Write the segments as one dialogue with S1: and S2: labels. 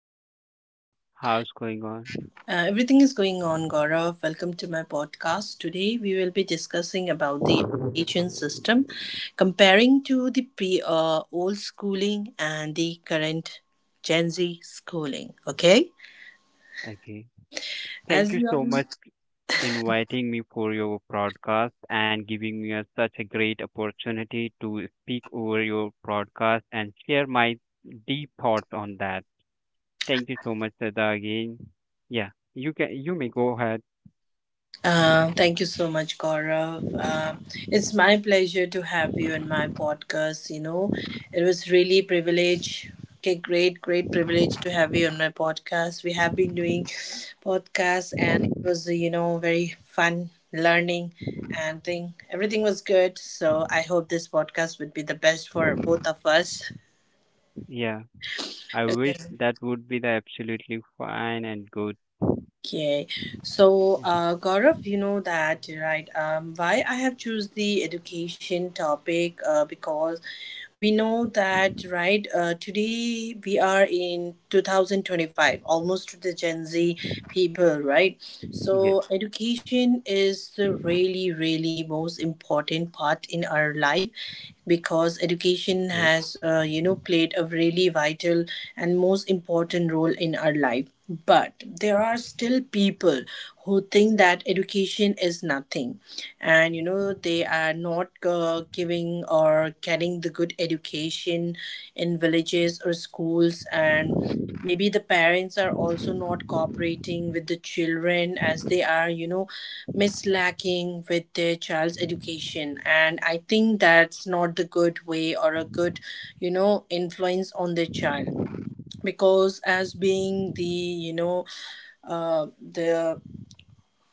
S1: Hello, Shraddha. How's going on?
S2: Everything is going on, Gaurav. Welcome to my podcast. Today we will be discussing about the education system, comparing to the pre old schooling and the current Gen Z schooling. Okay,
S1: Okay. Thank
S2: as
S1: you
S2: you all...
S1: so much inviting me for your broadcast and giving me a, such a great opportunity to speak over your broadcast and share my deep thoughts on that. Thank you so much, Shraddha, again. Yeah, you may go ahead.
S2: Thank you so much, Gaurav. It's my pleasure to have you in my podcast. It was really privilege. Okay, great, great privilege to have you on my podcast. We have been doing podcasts, and it was very fun learning and thing. Everything was good. So I hope this podcast would be the best for both of us.
S1: Yeah, I wish that would be the absolutely fine and good.
S2: Okay, so
S1: Yeah.
S2: Gaurav, you know that, right? Why I have choose the education topic? Because we know that, right. Today we are in 2025, almost to the Gen Z people, right?
S1: Yes,
S2: So education is the really, really most important part in our life, because education
S1: yes,
S2: has played a really vital and most important role in our life, but there are still people who think that education is nothing, and they are not giving or getting the good education in villages or schools, and maybe the parents are also not cooperating with the children as they are, mislacking with their child's education. And I think that's not the good way or a good, influence on the child, because as being the uh, the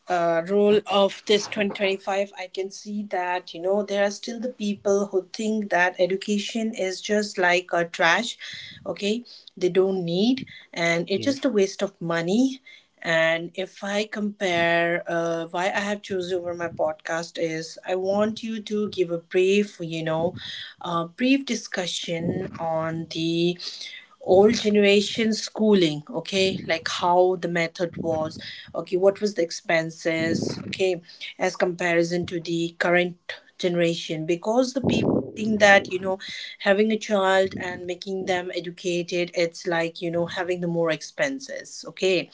S2: role of this 2025, I can see that there are still the people who think that education is just like a trash. Okay, they don't need, and it's
S1: yes.
S2: just a waste of money. And if I compare, why I have chosen over my podcast is, I want you to give a brief you know brief discussion on the old generation schooling. Okay, like how the method was. Okay, what was the expenses? Okay, as comparison to the current generation, because the people think that having a child and making them educated, it's like having the more expenses. Okay,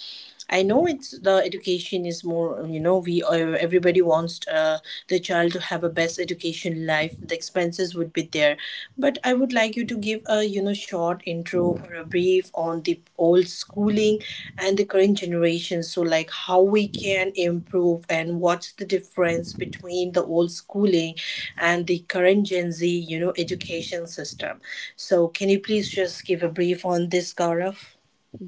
S2: I know it's the education is more, you know we everybody wants the child to have a best education life, the expenses would be there. But I would like you to give a short intro or a brief on the old schooling and the current generation, so like how we can improve and what's the difference between the old schooling and the current Gen Z education system. So can you please just give a brief on this, Gaurav?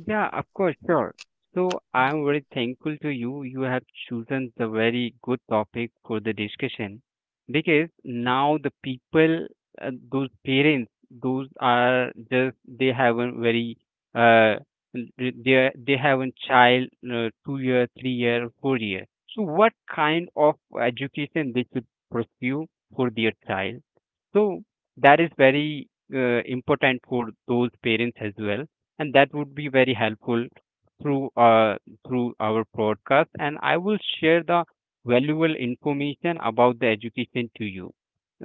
S1: Yeah, of course, sure. So I'm very thankful to you. You have chosen the very good topic for the discussion because now the people, those parents, those are just they haven't very uh they haven't child, 2 year, 3 year, 4 year. So what kind of education they should pursue for their child? So that is very important for those parents as well, and that would be very helpful through uh, through our podcast. And I will share the valuable information about the education to you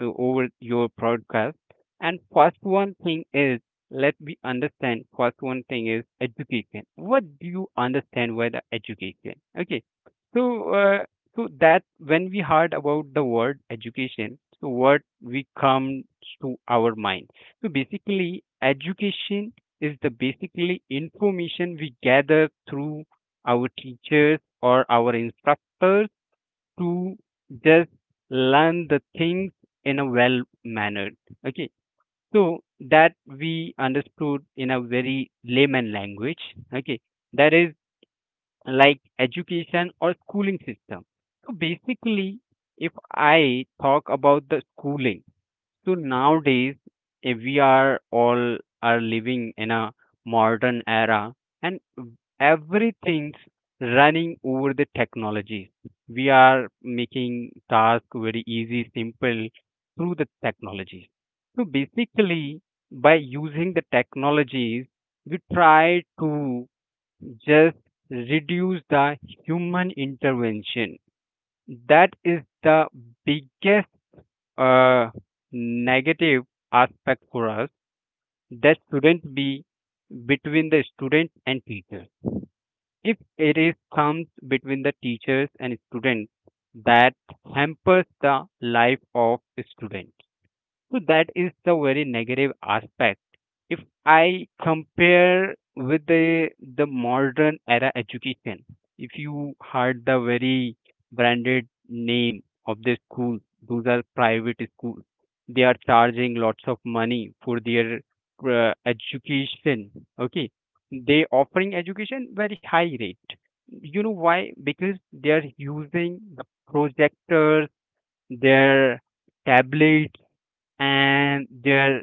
S1: over your podcast. And first one thing is let me understand. First one thing is education. What do you understand by the education? Okay, so. Uh, so that when we heard about the word education, so what we comes to our mind. So basically, education is the basically information we gather through our teachers or our instructors to just learn the things in a well manner. Okay, so that we understood in a very layman language. Okay, that is like education or schooling system. So basically, if I talk about the schooling, so nowadays we are all are living in a modern era and everything's running over the technology. We are making task very easy, simple through the technology. So basically, by using the technologies, we try to just reduce the human intervention. That is the biggest uh, negative aspect for us that shouldn't be between the students and teachers. If it is comes between the teachers and students, that hampers the life of students. So that is the very negative aspect. If I compare with the modern era education, if you heard the very branded name of the school, those are private schools. They are charging lots of money for their education. Okay, they offering education very high rate. You know why? Because they are using the projectors, their tablets and they're,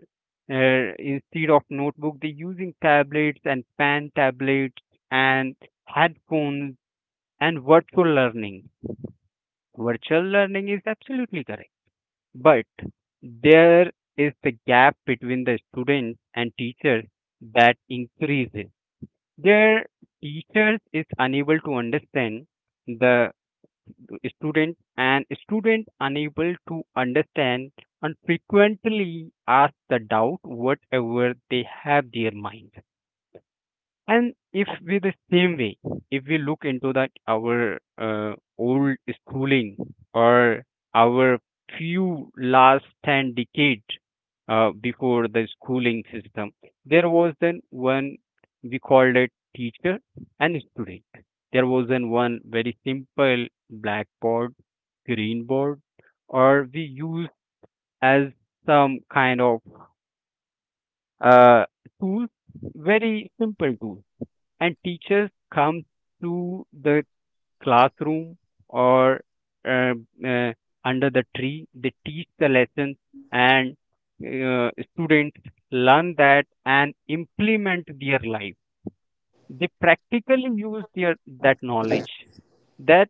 S1: instead of notebook they're using tablets and pen tablets and headphones and virtual learning. Virtual learning is absolutely correct, but there is the gap between the students and teachers that increases their teachers is unable to understand the student and student unable to understand and frequently ask the doubt whatever they have their mind. And if we the same way, if we look into that our old schooling or our few last 10 decade before the schooling system, there was then one we called it teacher and student. There was then one very simple blackboard, green board, or we used as some kind of uh, tool, very simple tools, and teachers come to the classroom or uh, uh, under the tree they teach the lessons. And students learn that and implement their life. They practically use their that knowledge. that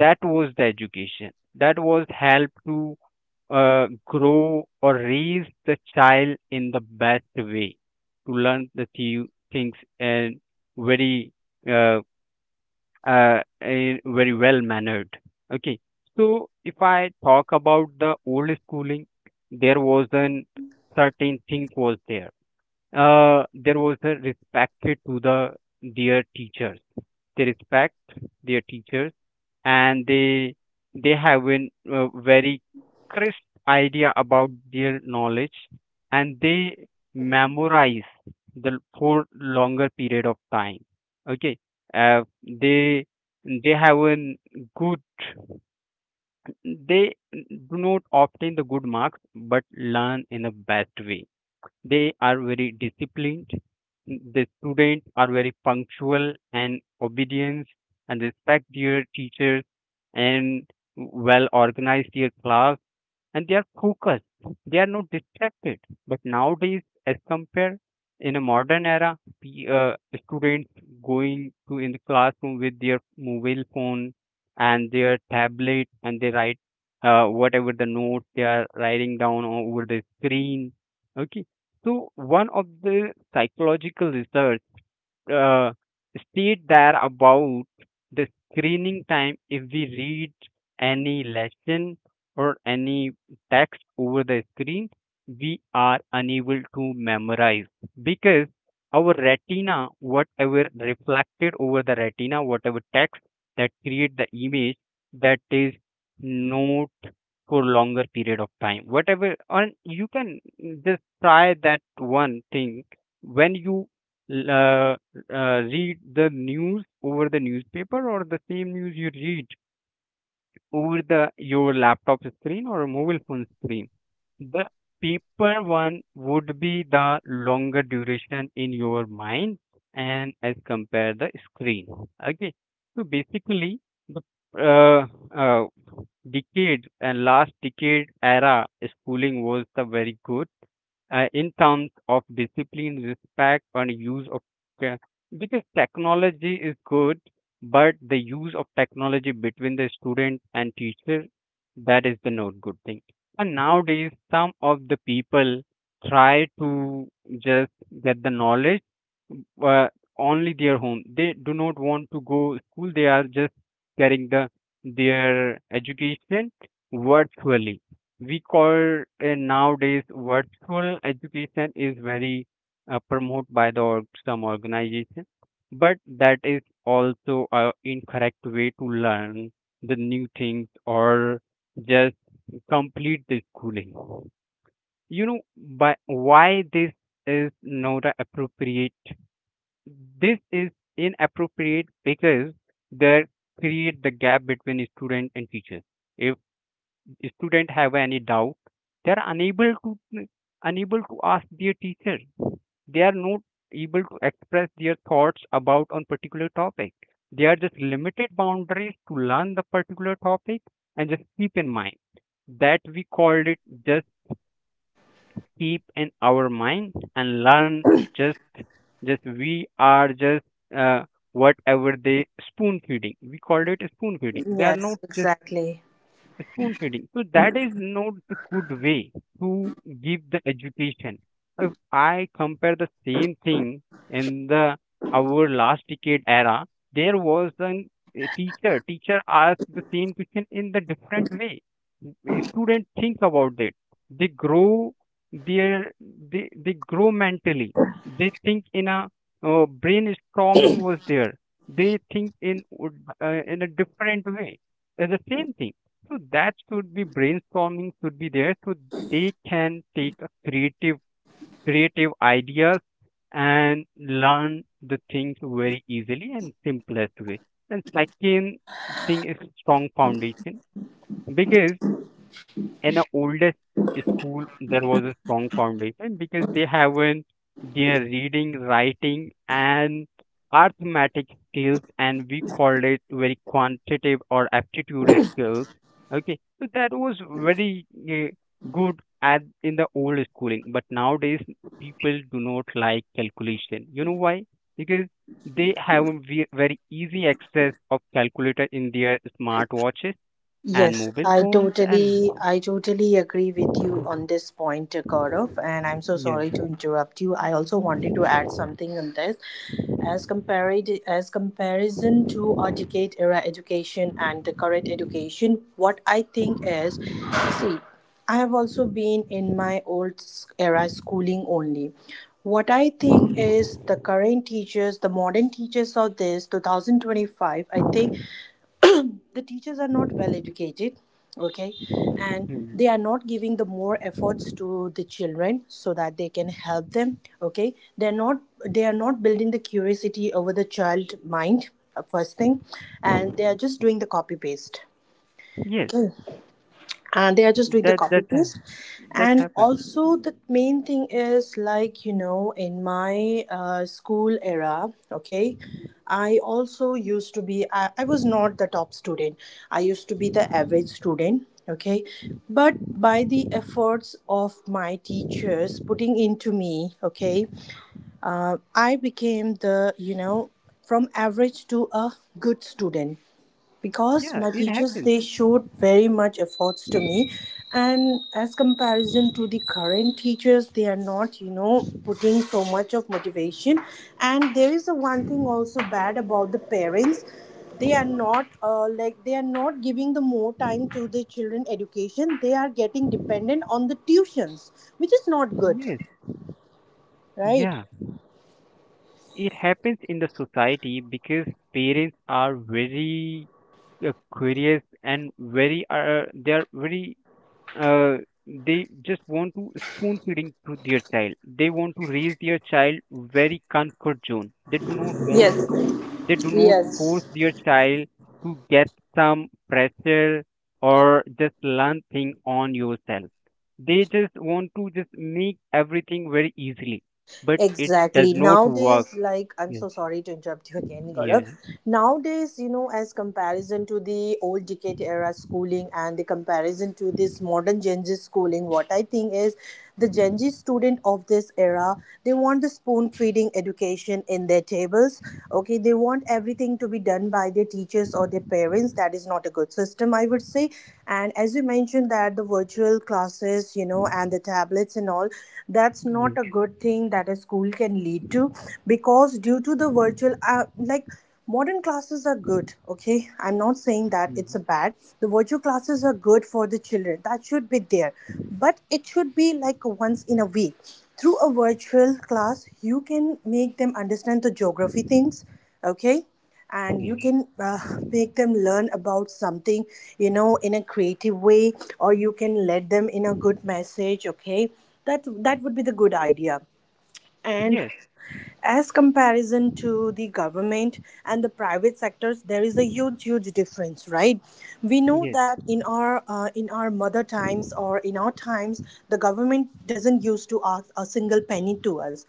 S1: that was the education that was help to grow or raise the child in the best way to learn the few things and very uh, very well mannered. Okay, so if I talk about the old schooling, there was an certain thing was there. There was a respect to the dear teachers. They respect their teachers, and they have a very crisp idea about their knowledge, and they memorize the for longer period of time. Okay, uh, they they have a good, they do not obtain the good marks but learn in a best way. They are very disciplined. The students are very punctual and obedient and respect their teachers and well organize their class, and they are focused. They are not distracted. But nowadays, as compared in a modern era, students going to in the classroom with their mobile phone and their tablet, and they write whatever the note they are writing down over the screen. Okay, so one of the psychological research uh, state there about the screening time. If we read any lesson or any text over the screen, we are unable to memorize because our retina whatever reflected over the retina whatever text that create the image, that is not for longer period of time whatever. And you can just try that one thing. When you uh, read the news over the newspaper or the same news you read over the your laptop screen or a mobile phone screen, the paper one would be the longer duration in your mind and as compare the screen. Okay, so basically the uh, uh, decade and last decade era schooling was the very good in terms of discipline, respect, and use of te- because technology is good, but the use of technology between the student and teacher, that is the not good thing. And nowadays, some of the people try to just get the knowledge uh, only their home. They do not want to go school. They are just getting the their education virtually. We call, nowadays virtual education is very promoted by the some organization, but that is also a incorrect way to learn the new things or just complete the schooling. You know by why this is not a appropriate, this is inappropriate because they create the gap between student and teacher. If student have any doubt, they are unable to ask their teacher. They are not able to express their thoughts about on particular topic. They are just limited boundaries to learn the particular topic and just keep in mind that we called it just keep in our mind and learn. Just just we are just uh, Whatever they spoon feeding, we called it spoon feeding. They are
S2: Yes,
S1: not just
S2: exactly.
S1: spoon feeding. So that is not the good way to give the education. If I compare the same thing in the our last decade era, there was an a teacher. Teacher asked the same question in the different way. Students think about it. They grow their, they grow mentally. They think in a, brainstorming was there. They think in a different way. It's the same thing, so that should be brainstorming should be there so they can take a creative, creative ideas and learn the things very easily and simplest way. And second thing is strong foundation because in the oldest school there was a strong foundation because they haven't their reading writing and arithmetic skills, and we called it very quantitative or aptitude skills. Okay, so that was very good at in the old schooling, but nowadays people do not like calculation. You know why? Because they have a very easy access of calculator in their smartwatches and
S2: Yes,
S1: mobile
S2: I
S1: phones. And
S2: totally agree with you on this point, Gaurav, and I'm so
S1: yeah.
S2: sorry to interrupt you. I also wanted to add something on this. As comparison to our decade era education and the current education, what I think is, see, I have also been in my old era schooling only. What I think is the current teachers, the modern teachers of this 2025, I think the teachers are not well educated. Okay, and
S1: Mhm.
S2: they are not giving the more efforts to the children, so that they can help them. Okay, they are not building the curiosity over the child mind, first thing. And they are just doing the copy paste.
S1: Yes,
S2: Okay, and they are just doing the
S1: that
S2: copy
S1: that ha-
S2: paste.
S1: that
S2: And
S1: happens.
S2: also the main thing is like, in my school era. Okay, I also used to be I was not the top student. I used to be the average student. Okay, but by the efforts of my teachers putting into me, okay, I became, from average to a good student, because
S1: Yeah,
S2: my
S1: it
S2: teachers
S1: happens.
S2: they showed very much efforts to me. And as comparison to the current teachers, they are not putting so much of motivation. And there is a one thing also bad about the parents. They are not giving the more time to the children education. They are getting dependent on the tuitions, which is not good,
S1: Yes,
S2: right?
S1: yeah, it happens in the society because parents are very curious and very are they are very uh, they just want to spoon feeding to their child. They want to raise their child very comfort zone. They do not want
S2: Yes,
S1: to. They do not force
S2: yes.
S1: their child to get some pressure or just learn thing on yourself. They just want to just make everything very easily, but it does
S2: Exactly.
S1: not work.
S2: Nowadays, like, I'm
S1: Yes.
S2: so sorry to interrupt you again, Gaurav.
S1: Yeah.
S2: Nowadays, as comparison to the old decade era schooling and the comparison to this modern Gen Z schooling, what I think is the Gen Z student of this era, they want the spoon feeding education in their tables. Okay, they want everything to be done by their teachers or their parents. That is not a good system, I would say. And as you mentioned, that the virtual classes, and the tablets and all, that's not
S1: Yes.
S2: a good thing that a school can lead to, because due to the virtual like modern classes are good. Okay, I'm not saying that it's a
S1: Mhm.
S2: bad. The virtual classes are good for the children, that should be there, but it should be like once in a week. Through a virtual class you can make them understand the geography things. Okay, and
S1: Yeah.
S2: you can, uh, make them learn about something in a creative way, or you can let them in a good message. Okay, that would be the good idea. And
S1: Yes.
S2: as comparison to the government and the private sectors, there is a huge huge difference, right? We know
S1: Yes.
S2: that in our mother times or in our times, the government doesn't used to ask a single penny to us,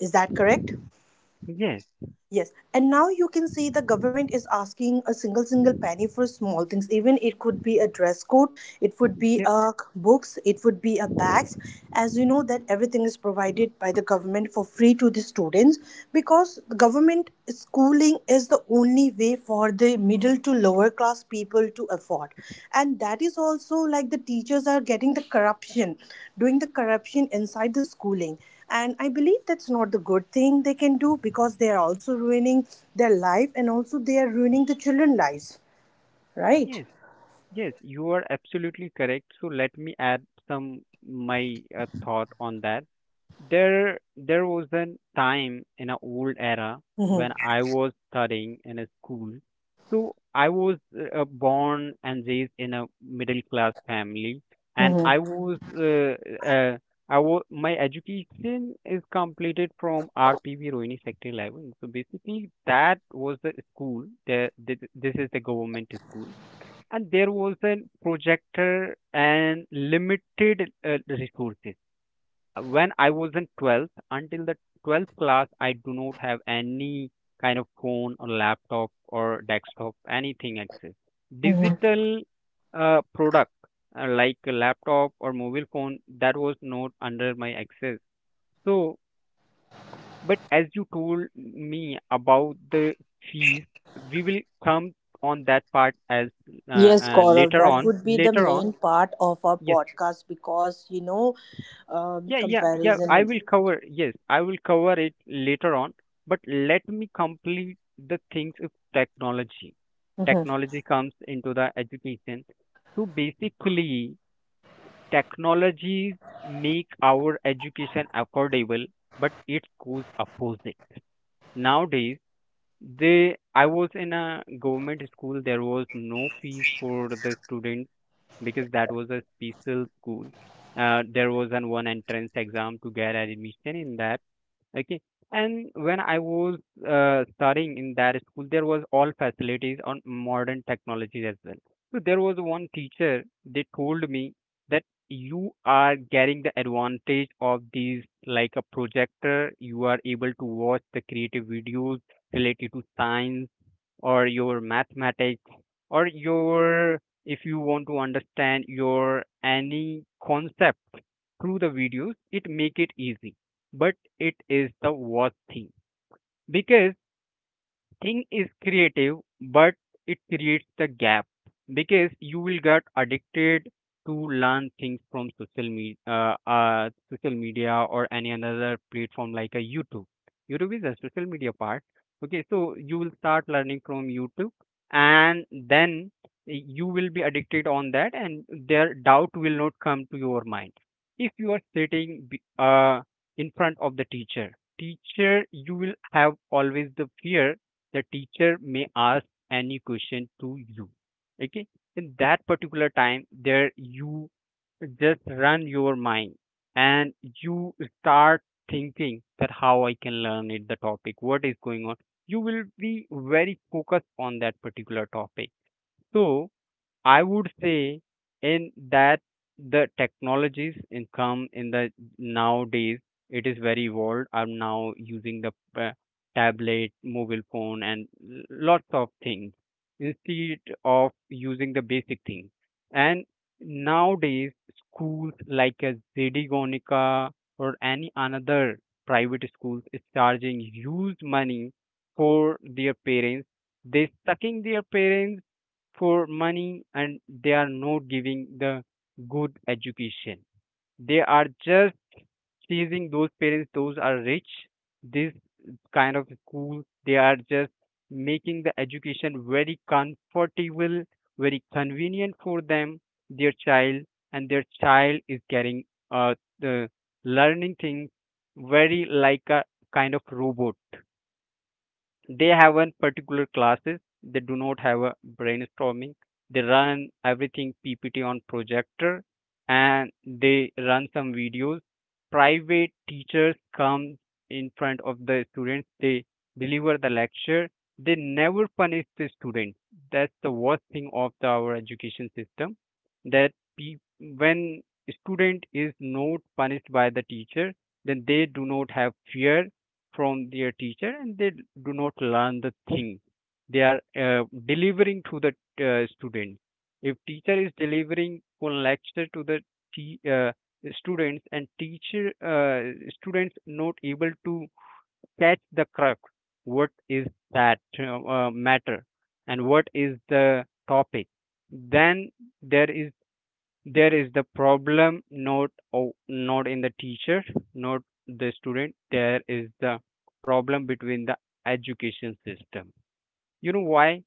S2: is that correct?
S1: Yes.
S2: Yes, and now you can see the government is asking a single single penny for small things. Even it could be a dress code, it would be
S1: Yeah.
S2: a books, it would be a bags. As you know that everything is provided by the government for free to the students, because government schooling is the only way for the middle to lower class people to afford, and that is also like the teachers are getting the corruption, doing the corruption inside the schooling, and I believe that's not the good thing they can do, because they are also ruining their life, and also they are ruining the children lives, right?
S1: Yes. Yes, you are absolutely correct. So let me add some my thought on that. There was a time in an old era
S2: Mm-hmm.
S1: when I was studying in a school. So I was born and raised in a middle class family, and
S2: Mm-hmm.
S1: uh, I was my education is completed from RPB Rohini Sector 11. So basically, that was the school. This is the government school, and there was a projector and limited resources. When I was in 12th, until the 12th class, I do not have any kind of phone or laptop or desktop, anything access.
S2: Mm-hmm.
S1: Digital product, like a laptop or mobile phone, that was not under my access. So but as you told me about the fees, we will come on that part as
S2: Yes, Gaurav,
S1: later
S2: that
S1: on.
S2: would be the
S1: Later on,
S2: main part of our
S1: yes,
S2: podcast, because
S1: yeah. I
S2: comparison.
S1: will cover. Yes, I will cover it later on. But let me complete the things of technology.
S2: Mhm.
S1: Technology comes into the education. So basically, technologies make our education affordable, but it goes opposite nowadays. They I was in a government school. There was no fees for the student because that was a special school. There was an one entrance exam to get admission in that. Okay. And when I was studying in that school, there was all facilities on modern technology as well. So there was one teacher, they told me that you are getting the advantage of these, like a projector. You are able to watch the creative videos related to science or your mathematics or your, if you want to understand your any concept through the videos, it make it easy, but it is the worst thing because thing is creative, but it creates the gap because you will get addicted to learn things from social media, social media or any another platform like a YouTube. YouTube is a social media part. Okay, so you will start learning from YouTube, and then you will be addicted on that, and their doubt will not come to your mind. If you are sitting in front of the teacher, teacher, you will have always the fear the teacher may ask any question to you, okay, in that particular time, there you just run your mind and you start thinking that how I can learn it, the topic what is going on. You will be very focused on that particular topic. So I would say in that, the technologies in come in the nowadays, it is very evolved. I'm now using the uh, tablet, mobile phone, and lots of things instead of using the basic thing. And nowadays schools like a ZD Gonika or any another private schools is charging huge money for their parents. They sucking their parents for money and they are not giving the good education. They are just teasing those parents, those are rich. This kind of school, they are just making the education very comfortable, very convenient for them, their child, and their child is getting the learning things very like a kind of robot. They haven't particular classes, they do not have a brainstorming. They run everything ppt on projector and they run some videos. Private teachers come in front of the students, they deliver the lecture, they never punish the students. That's the worst thing of the, our education system. That pe- when student is not punished by the teacher, then they do not have fear from their teacher and they do not learn the thing they are delivering to the student. If teacher is delivering one lecture to the te- uh, students, and teacher students not able to catch the crux what is that matter and what is the topic, then there is there is the problem, not in the teacher, not the student, there is the problem between the education system. You know why?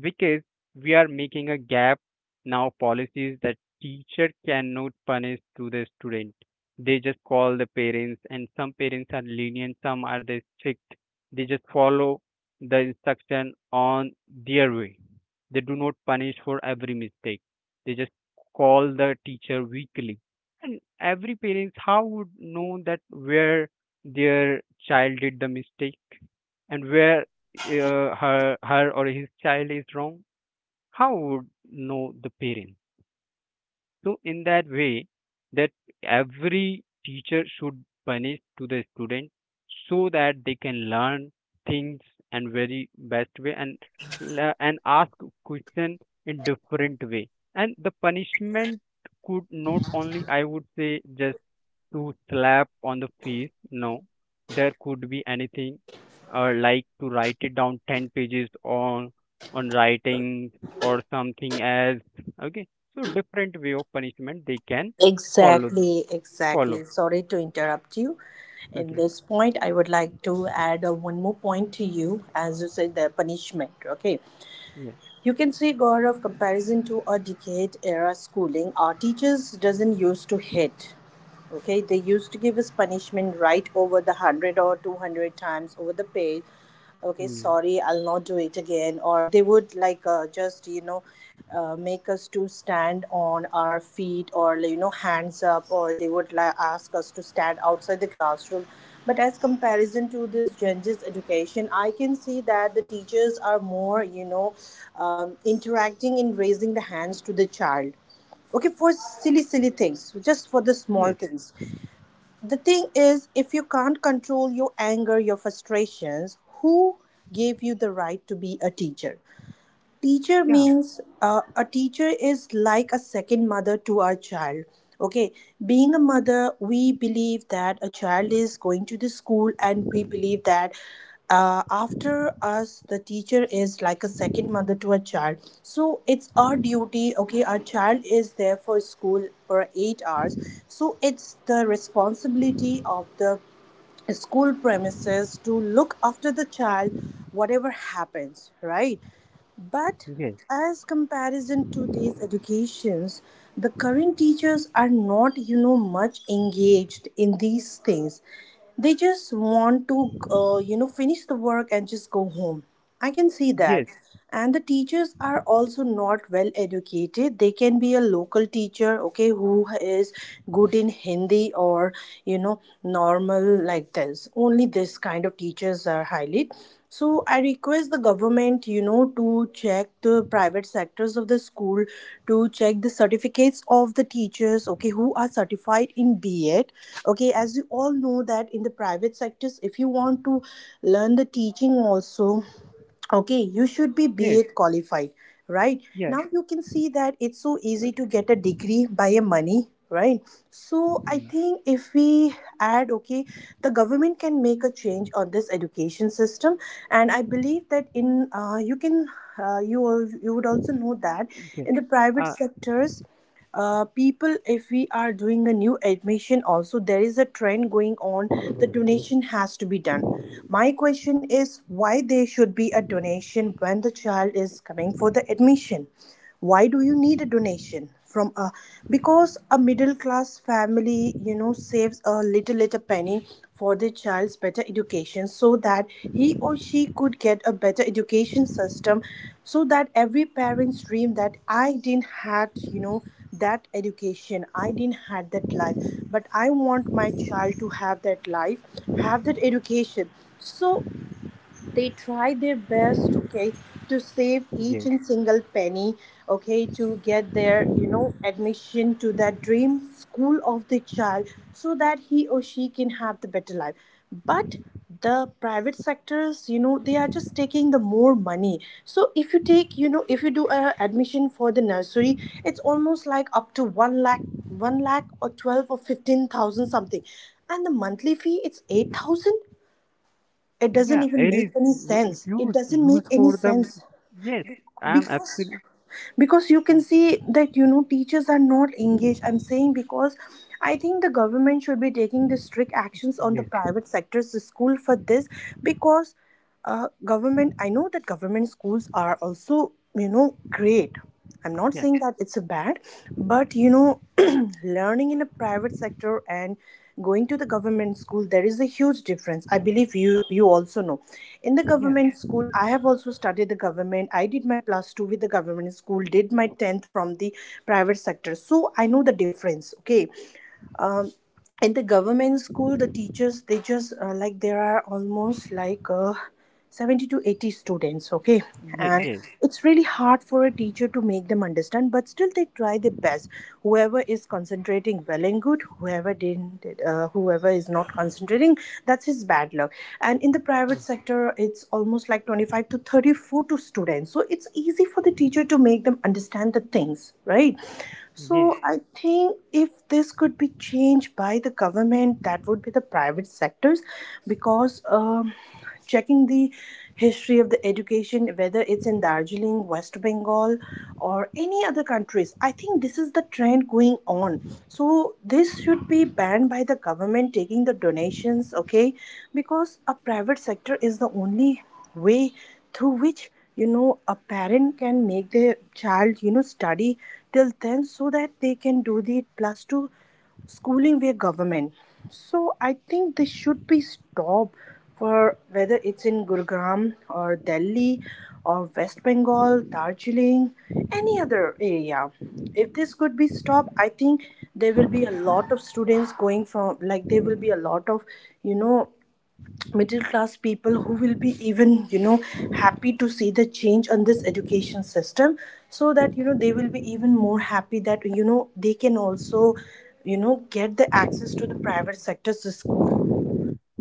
S1: Because we are making a gap now, policies that teacher cannot punish to the student. They just call the parents, and some parents are lenient, some are they strict. They just follow the instruction on their way. They do not punish for every mistake. They just call the teacher weekly. And every parents how would know that where their child did the mistake? And where her her or his child is wrong, how would know the parent? So in that way, that every teacher should punish to the student so that they can learn things and very best way, and ask question in different way. And the punishment could not only, I would say, just to slap on the face. No, there could be anything, like to write it down 10 pages on writing or something as. Okay, so different way of punishment they can follow
S2: Exactly,
S1: follow.
S2: exactly. Sorry to interrupt you. In
S1: Okay.
S2: this point, I would like to add one more point to you, as you said, the punishment. Okay,
S1: Yeah.
S2: you can see, Gaurav, comparison to a decade era schooling. Our teachers doesn't used to hit. Okay, they used to give us punishment right over the 100 or 200 times over the page. Okay,
S1: Hmm.
S2: sorry, I'll not do it again. Or they would like just you know make us to stand on our feet, or hands up, or they would like ask us to stand outside the classroom. But as comparison to this gender's education, I can see that the teachers are more, interacting in raising the hands to the child, okay, for silly silly things, just for the small
S1: Yes.
S2: things. The thing is, if you can't control your anger, your frustrations, who gave you the right to be a teacher? Teacher
S1: Yeah.
S2: means, a teacher is like a second mother to our child. Okay, being a mother, we believe that a child is going to the school, and we believe that after us, the teacher is like a second mother to a child. So it's our duty. Okay, our child is there for school for 8 hours, so it's the responsibility of the school premises to look after the child, whatever happens, right? But
S1: Yes.
S2: as comparison to these educations, the current teachers are not, much engaged in these things. They just want to, finish the work and just go home, I can see that.
S1: Yes.
S2: And the teachers are also not well educated. They can be a local teacher, okay, who is good in Hindi, or you know normal, like this only. This kind of teachers are highly. So I request the government, to check the private sectors of the school, to check the certificates of the teachers, okay, who are certified in B.Ed. Okay, as you all know that in the private sectors, if you want to learn the teaching also, okay, you should be
S1: Yes.
S2: BA qualified, right?
S1: Yeah.
S2: Now you can see that it's so easy to get a degree by a money, right? So I
S1: Hmm.
S2: think if we add, okay, the government can make a change on this education system. And I believe that in, you can, you would also know that
S1: Yes.
S2: in the private
S1: Uh.
S2: sectors, people, if we are doing a new admission also, there is a trend going on, the donation has to be done. My question is, why there should be a donation when the child is coming for the admission? Why do you need a donation from A because a middle class family, you know, saves a little penny for their child's better education, so that he or she could get a better education system. So that every parent's dream that I didn't had, that education, I didn't had that life, but I want my child to have that life, have that education. So they try their best, okay, to save each
S1: Yes.
S2: and single penny, okay, to get their, admission to that dream school of the child, so that he or she can have the better life. But the private sectors, you know, they are just taking the more money. So if you take, if you do a admission for the nursery, it's almost like up to 1 lakh, 1 lakh or 12 or 15,000 something, and the monthly fee it's 8,000. It doesn't
S1: yeah
S2: even
S1: it
S2: make
S1: is
S2: any
S1: w-
S2: sense, it
S1: used
S2: doesn't make
S1: use
S2: any
S1: for the
S2: sense.
S1: Yes. I'm
S2: Because,
S1: absolutely.
S2: you can see that, you know, teachers are not engaged. I'm saying because I think the government should be taking the strict actions on the
S1: Yes.
S2: private sectors, the school, for this. Because government, I know that government schools are also, you know, great. I'm not
S1: Yeah.
S2: saying that it's a bad, but, you know, learning in a private sector and going to the government school, there is a huge difference. I believe you also know. In the
S1: Yeah.
S2: government school, I have also studied the government. I did my plus two with the government school, did my tenth from the private sector. So I know the difference. Okay. um, in the government school, the teachers they just like, there are almost like 70 to 80 students, okay,
S1: Yeah.
S2: and
S1: Yes.
S2: it's really hard for a teacher to make them understand, but still they try their best. Whoever is concentrating, well and good; whoever didn't, whoever is not concentrating, that's his bad luck. And in the private
S1: Hmm.
S2: sector it's almost like 25 to 34 to students, so it's easy for the teacher to make them understand the things, right?
S1: Yeah,
S2: So I think if this could be changed by the government, that would be the private sectors. Because checking the history of the education, whether it's in Darjeeling, West Bengal, or any other countries, I think this is the trend going on. So this should be banned by the government, taking the donations, okay? Because a private sector is the only way through which, you know, a parent can make their child, you know, study till 10, so that they can do the plus two schooling via government. So I think this should be stopped, for whether it's in Gurugram or Delhi or West Bengal, Darjeeling, any other area. If this could be stopped, I think there will be a lot of students going from, like there will be a lot of, you know middle class people who will be even, you know, happy to see the change on this education system. So that, you know, they will be even more happy that, you know, they can also, you know, get the access to the private sector's school.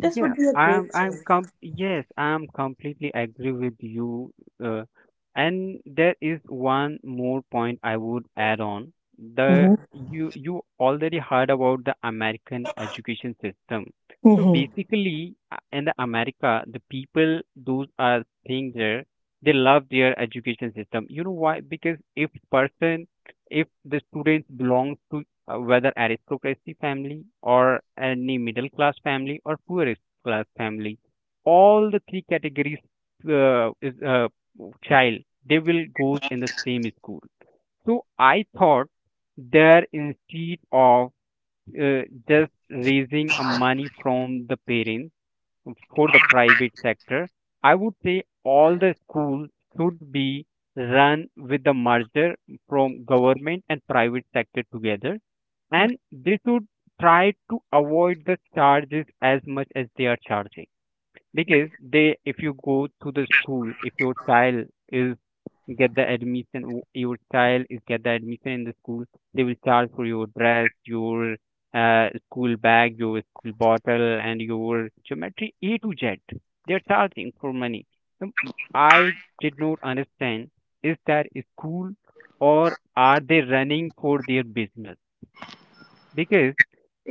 S2: This would be a great
S1: I'm com
S2: change.
S1: yes, I'm completely agree with you. Uh, and there is one more point I would add on. The
S2: Mm-hmm.
S1: you you already heard about the American education system. So
S2: Mm-hmm.
S1: basically, in the America, the people those are things. There, they love their education system. You know why? Because if person, if the students belongs to whether aristocracy family or any middle class family or poorest class family, all the three categories is child, they will go in the same school. So I thought there, instead of uh, just raising a money from the parents for the private sector, I would say all the schools should be run with the merger from government and private sector together, and they should try to avoid the charges as much as they are charging. Because they, if you go to the school, if your child is get the admission. Your child is get the admission in the school. They will charge for your dress, your school bag, your school bottle, and your geometry A to Z. They're charging for money. Um, I did not understand, is that a school or are they running for their business? Because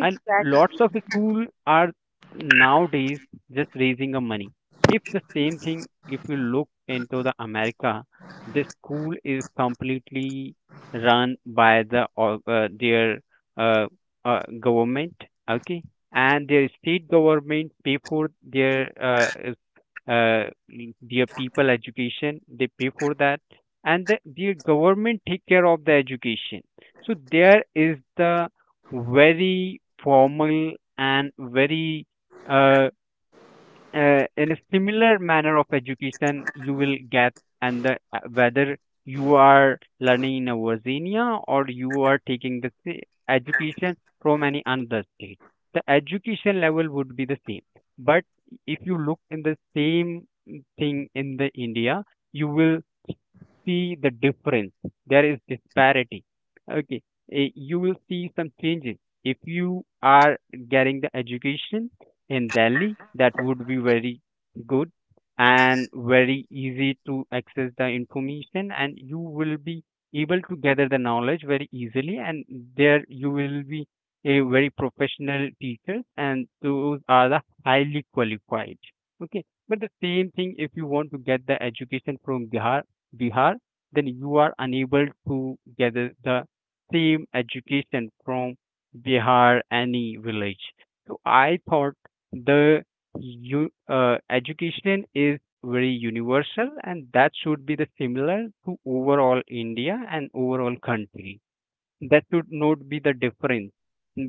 S1: and lots of school are nowadays just raising a money. If the same thing, if you look into the America, the school is completely run by the their uh, government, okay, and their state government pay for their uh, their people education, they pay for that. And the, their government take care of the education. So there is the very formal and very uh, in a similar manner of education you will get. And the, whether you are learning in a Virginia or you are taking the education from any another state, the education level would be the same. But if you look in the same thing in the India, you will see the difference. There is disparity. Okay, eh, you will see some changes. If you are getting the education in Delhi, that would be very good and very easy to access the information, and you will be able to gather the knowledge very easily. And there you will be a very professional teacher, and those are the highly qualified. Okay, but the same thing if you want to get the education from Bihar, then you are unable to gather the same education from Bihar any village. So I thought the you education is very universal and that should be the similar to overall India and overall country, that should not be the difference.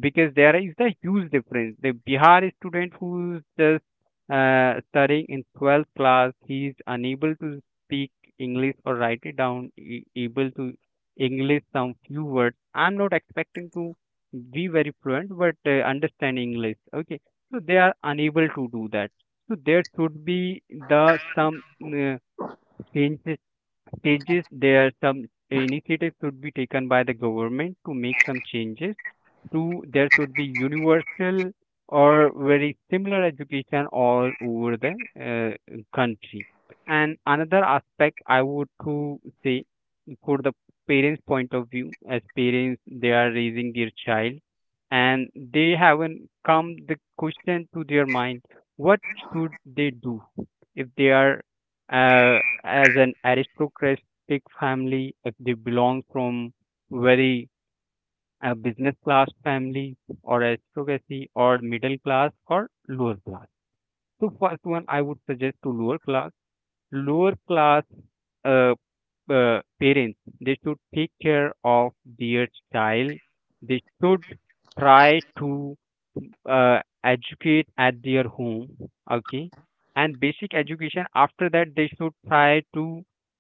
S1: Because there is the huge difference. The Bihar student who's just studying in 12th class, he is unable to speak English or write it down, able to English some few words. I'm not expecting to be very fluent, but understand English. Okay, so they are unable to do that. So there should be the some uh, changes stages, there are some initiatives should be taken by the government to make some changes two, there should be universal or very similar education all over the country. And another aspect I would to say for the parents' point of view, as parents, they are raising their child and they haven't come the question to their mind what should they do. If they are as an aristocratic family, if they belong from very a business class family or aristocracy or middle class or lower class. So first one I would suggest to lower class uh, parents, they should take care of their child. They should try to educate at their home, okay, and basic education, after that they should try to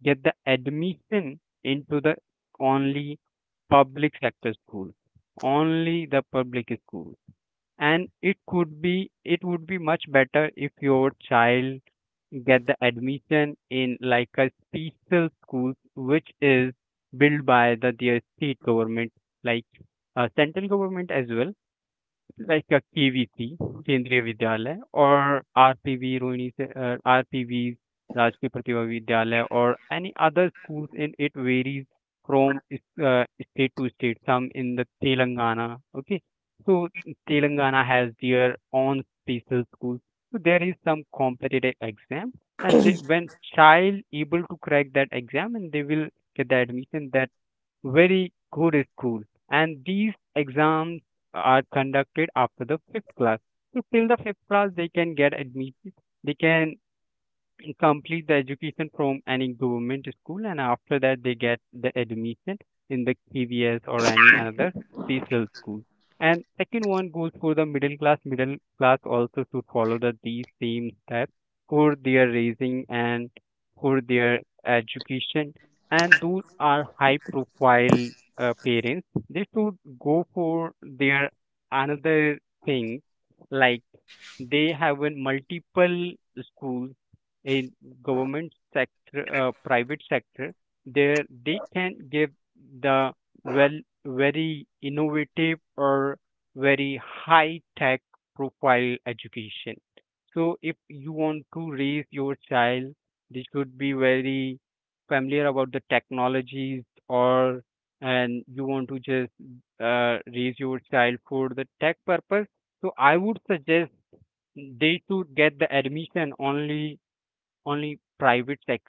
S1: get the admission into the only public sector school, only the public school. And it could be, it would be much better if your child get the admission in like a special school which is built by the their state government, like central government as well, like a KVC, Kendriya Vidyalaya, or RPV Rohini, RPVs, Rajkriya Pratibha Vidyalaya, or any other schools, in it varies from state to state. Some in the Telangana, okay. So Telangana has their own special schools. So there is some competitive exam, and they, when child able to crack that exam, and they will get the admission that very good school. And these exams are conducted after the fifth class, so till the fifth class they can get admitted, they can complete the education from any government school and after that they get the admission in the KVS or any another special school. And second one goes for the middle class. Middle class also should follow the these same steps for their raising and for their education. And those are high profile parents. They should go for their another thing, like they have a multiple schools in government sector, private sector, there they can give the well very innovative or very high tech profile education. So if you want to raise your child, they should be very familiar about the technologies, or and you want to just raise your child for the tech purpose. So I would suggest they should get the admission only private sex,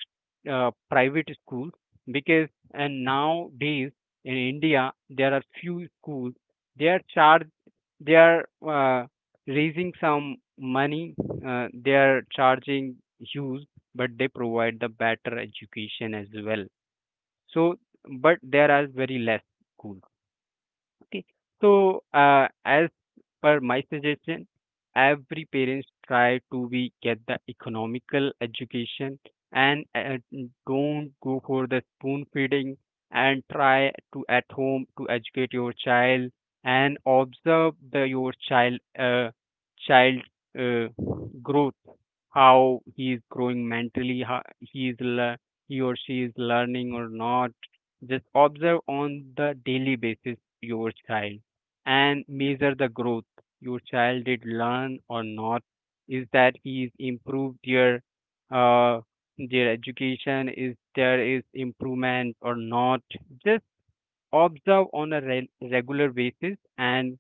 S1: private schools because and nowadays in India there are few schools they are charged they are raising some money, they are charging huge, but they provide the better education as well, so but there are very less schools. Okay, so as but my suggestion, every parents try to be get the economical education, and don't go for the spoon feeding and try to at home to educate your child and observe the your child, uh, child uh, growth, how he is growing mentally, how he or she is learning or not. Just observe on the daily basis your child and measure the growth, your child did learn or not, is that is improved uh, their education, is there is improvement or not. Just observe on a regular basis and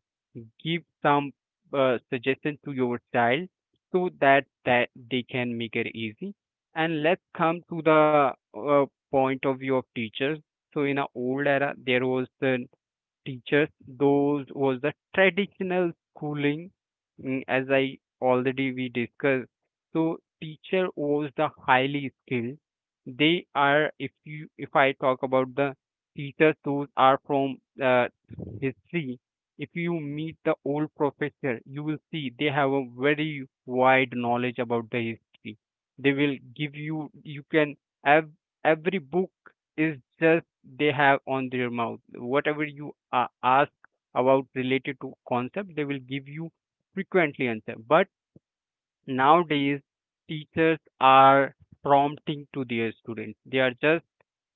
S1: give some suggestion to your child so that they can make it easy. And let's come to the uh, point of view of teachers. So in an old era there was the teachers. Those was the traditional schooling, mm, as I already we discussed. So teacher was the highly skilled. They are, if you if I talk about the teachers, those are from history. If you meet the old professor, you will see they have a very wide knowledge about the history. They will give you, you can have every book is just they have on their mouth. Whatever you ask about related to concept, they will give you frequently answer. But nowadays, teachers are prompting to their students. They are just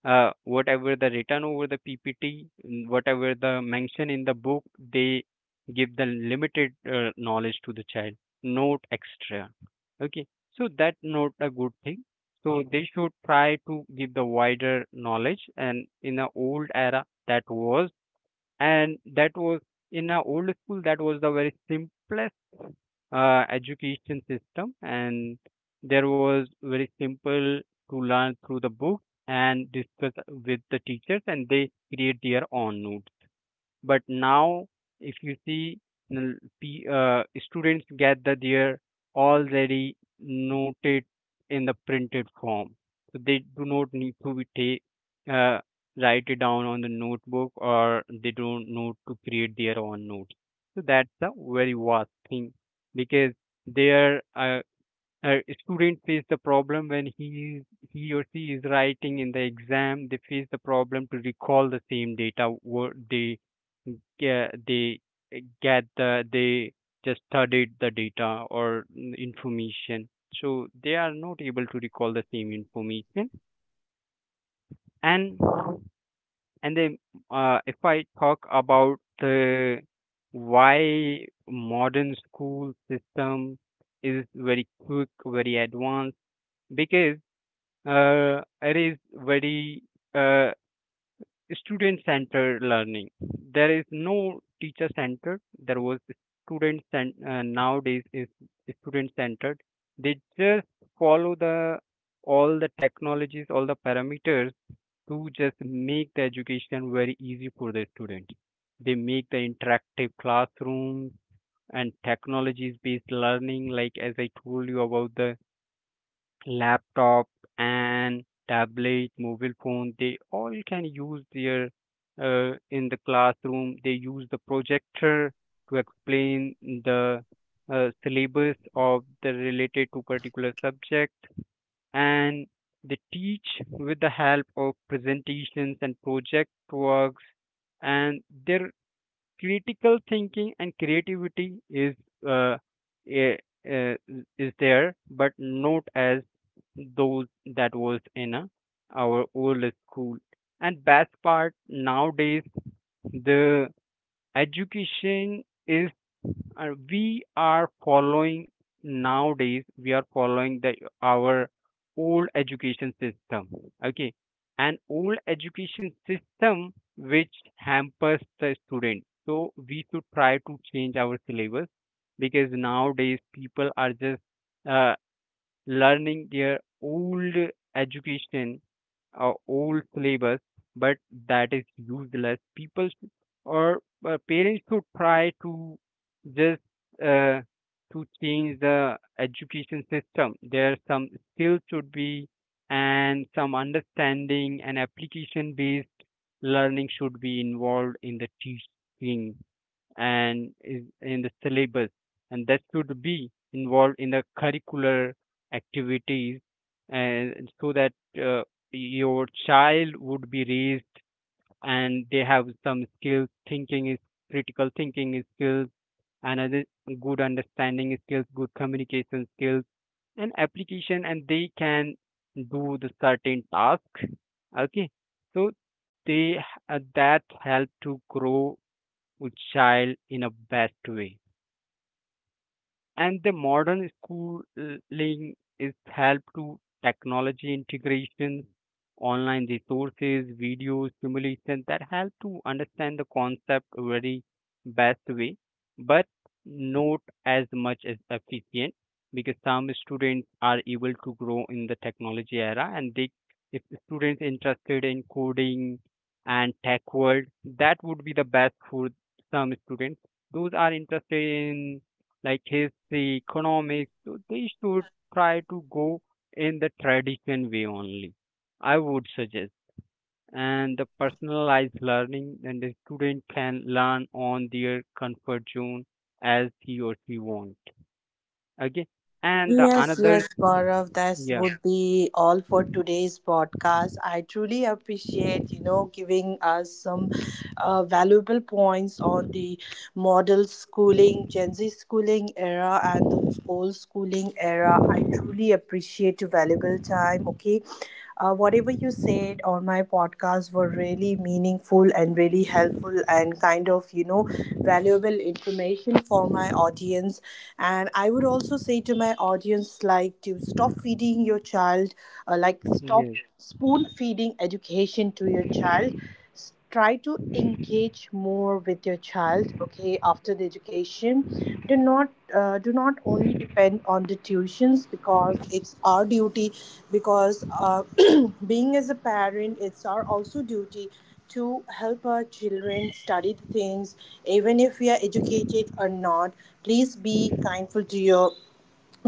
S1: whatever the written over the PPT, mm, whatever the mention in the book, they give the limited knowledge to the child, not extra. Okay, so that not a good thing. So they should try to give the wider knowledge. And in the old era, that was, and that was in a old school, that was the very simplest education system, and there was very simple to learn through the book and discuss with the teachers and they create their own notes. But now, if you see, students get the their already noted in the printed form, so they do not need to be take uh, write it down on the notebook, or they don't need to create their own notes. So that's a very vast thing because their uh, student face the problem when he or she is writing in the exam, they face the problem to recall the same data what they get, they just studied the data or information, so they are not able to recall the same information. and and then if I talk about the why modern school system is very quick, very advanced, because it is very uh, student centered learning. There is no teacher centered, there was nowadays is student centered. They just follow the all the technologies, all the parameters to just make the education very easy for the student. They make the interactive classroom and technologies based learning, like as I told you about the laptop and tablet, mobile phone, they all can use their in the classroom. They use the projector to explain the syllabus of the related to particular subject, and they teach with the help of presentations and project works, and their critical thinking and creativity is uh, eh, uh, is there, but not as those that was in our old school. And best part nowadays, the education is we are following, nowadays we are following the our old education system. Okay, an old education system which hampers the student. So we should try to change our syllabus because nowadays people are just uh, learning their old education or old syllabus, but that is useless. People sh- or parents should try to just uh, to change the education system. There are some skills should be, and some understanding and application based learning should be involved in the teaching and is in the syllabus, and that should be involved in the curricular activities, and so that uh, your child would be raised and they have some skills thinking is critical thinking skills and other good understanding skills, good communication skills and application, and they can do the certain task. Okay, so they h- that help to grow would child in a bad way. And the modern schooling is help to technology integration, online resources, videos, simulations that help to understand the concept very best way, but not as much as efficient, because some students are able to grow in the technology era. And they, if the students interested in coding and tech world, that would be the best for some students. Those are interested in like history, economics, so they should try to go in the tradition way only, I would suggest. And the personalized learning, then the student can learn on their comfort zone as he or she wants. Okay. And the
S2: Yes, yes,
S1: another,
S2: Gaurav, that
S1: yeah,
S2: would be all for today's podcast. I truly appreciate, you know, giving us some valuable points on the model schooling, Gen Z schooling era, and the old schooling era. I truly appreciate your valuable time. Okay. Whatever you said on my podcast were really meaningful and really helpful and kind of, you know, valuable information for my audience. And I would also say to my audience, like, to stop feeding your child, like, stop
S1: yes,
S2: spoon feeding education to your child. Try to engage more with your child, okay, after the education. Do not, do not only depend on the tuitions, because it's our duty. Because, being as a parent, it's our also duty to help our children study the things, even if we are educated or not. Please be kindful to your,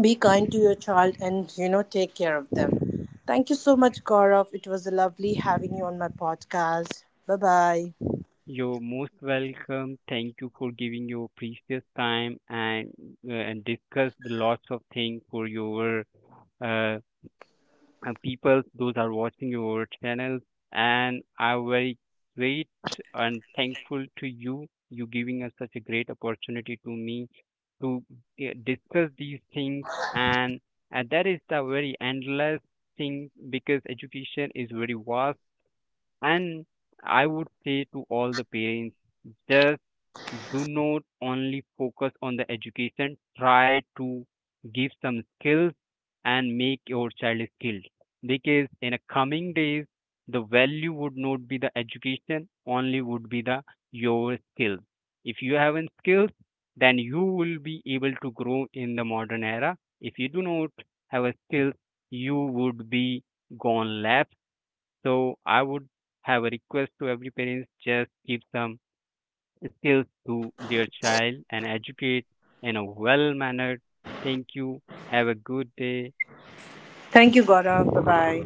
S2: be kind to your child, and you know, take care of them. Thank you so much, Gaurav, it was lovely having you on my podcast. Bye bye.
S1: you're most welcome. Thank you for giving your precious time and discuss the lots of things for your uh, people those are watching your channel, and I'm very great and thankful to you, you giving us such a great opportunity to me to discuss these things, and that is the very endless thing because education is very vast. And I would say to all the parents, just do not only focus on the education, try to give some skills and make your child skilled. Because in the coming days, the value would not be the education, only would be the your skills. If you have in skills, then you will be able to grow in the modern era. If you do not have a skill, you would be gone left. So I would have a request to every parents, just give some skills to their child and educate in a well mannered. Thank you. Have a good day.
S2: Thank you, Gaurav. Bye bye.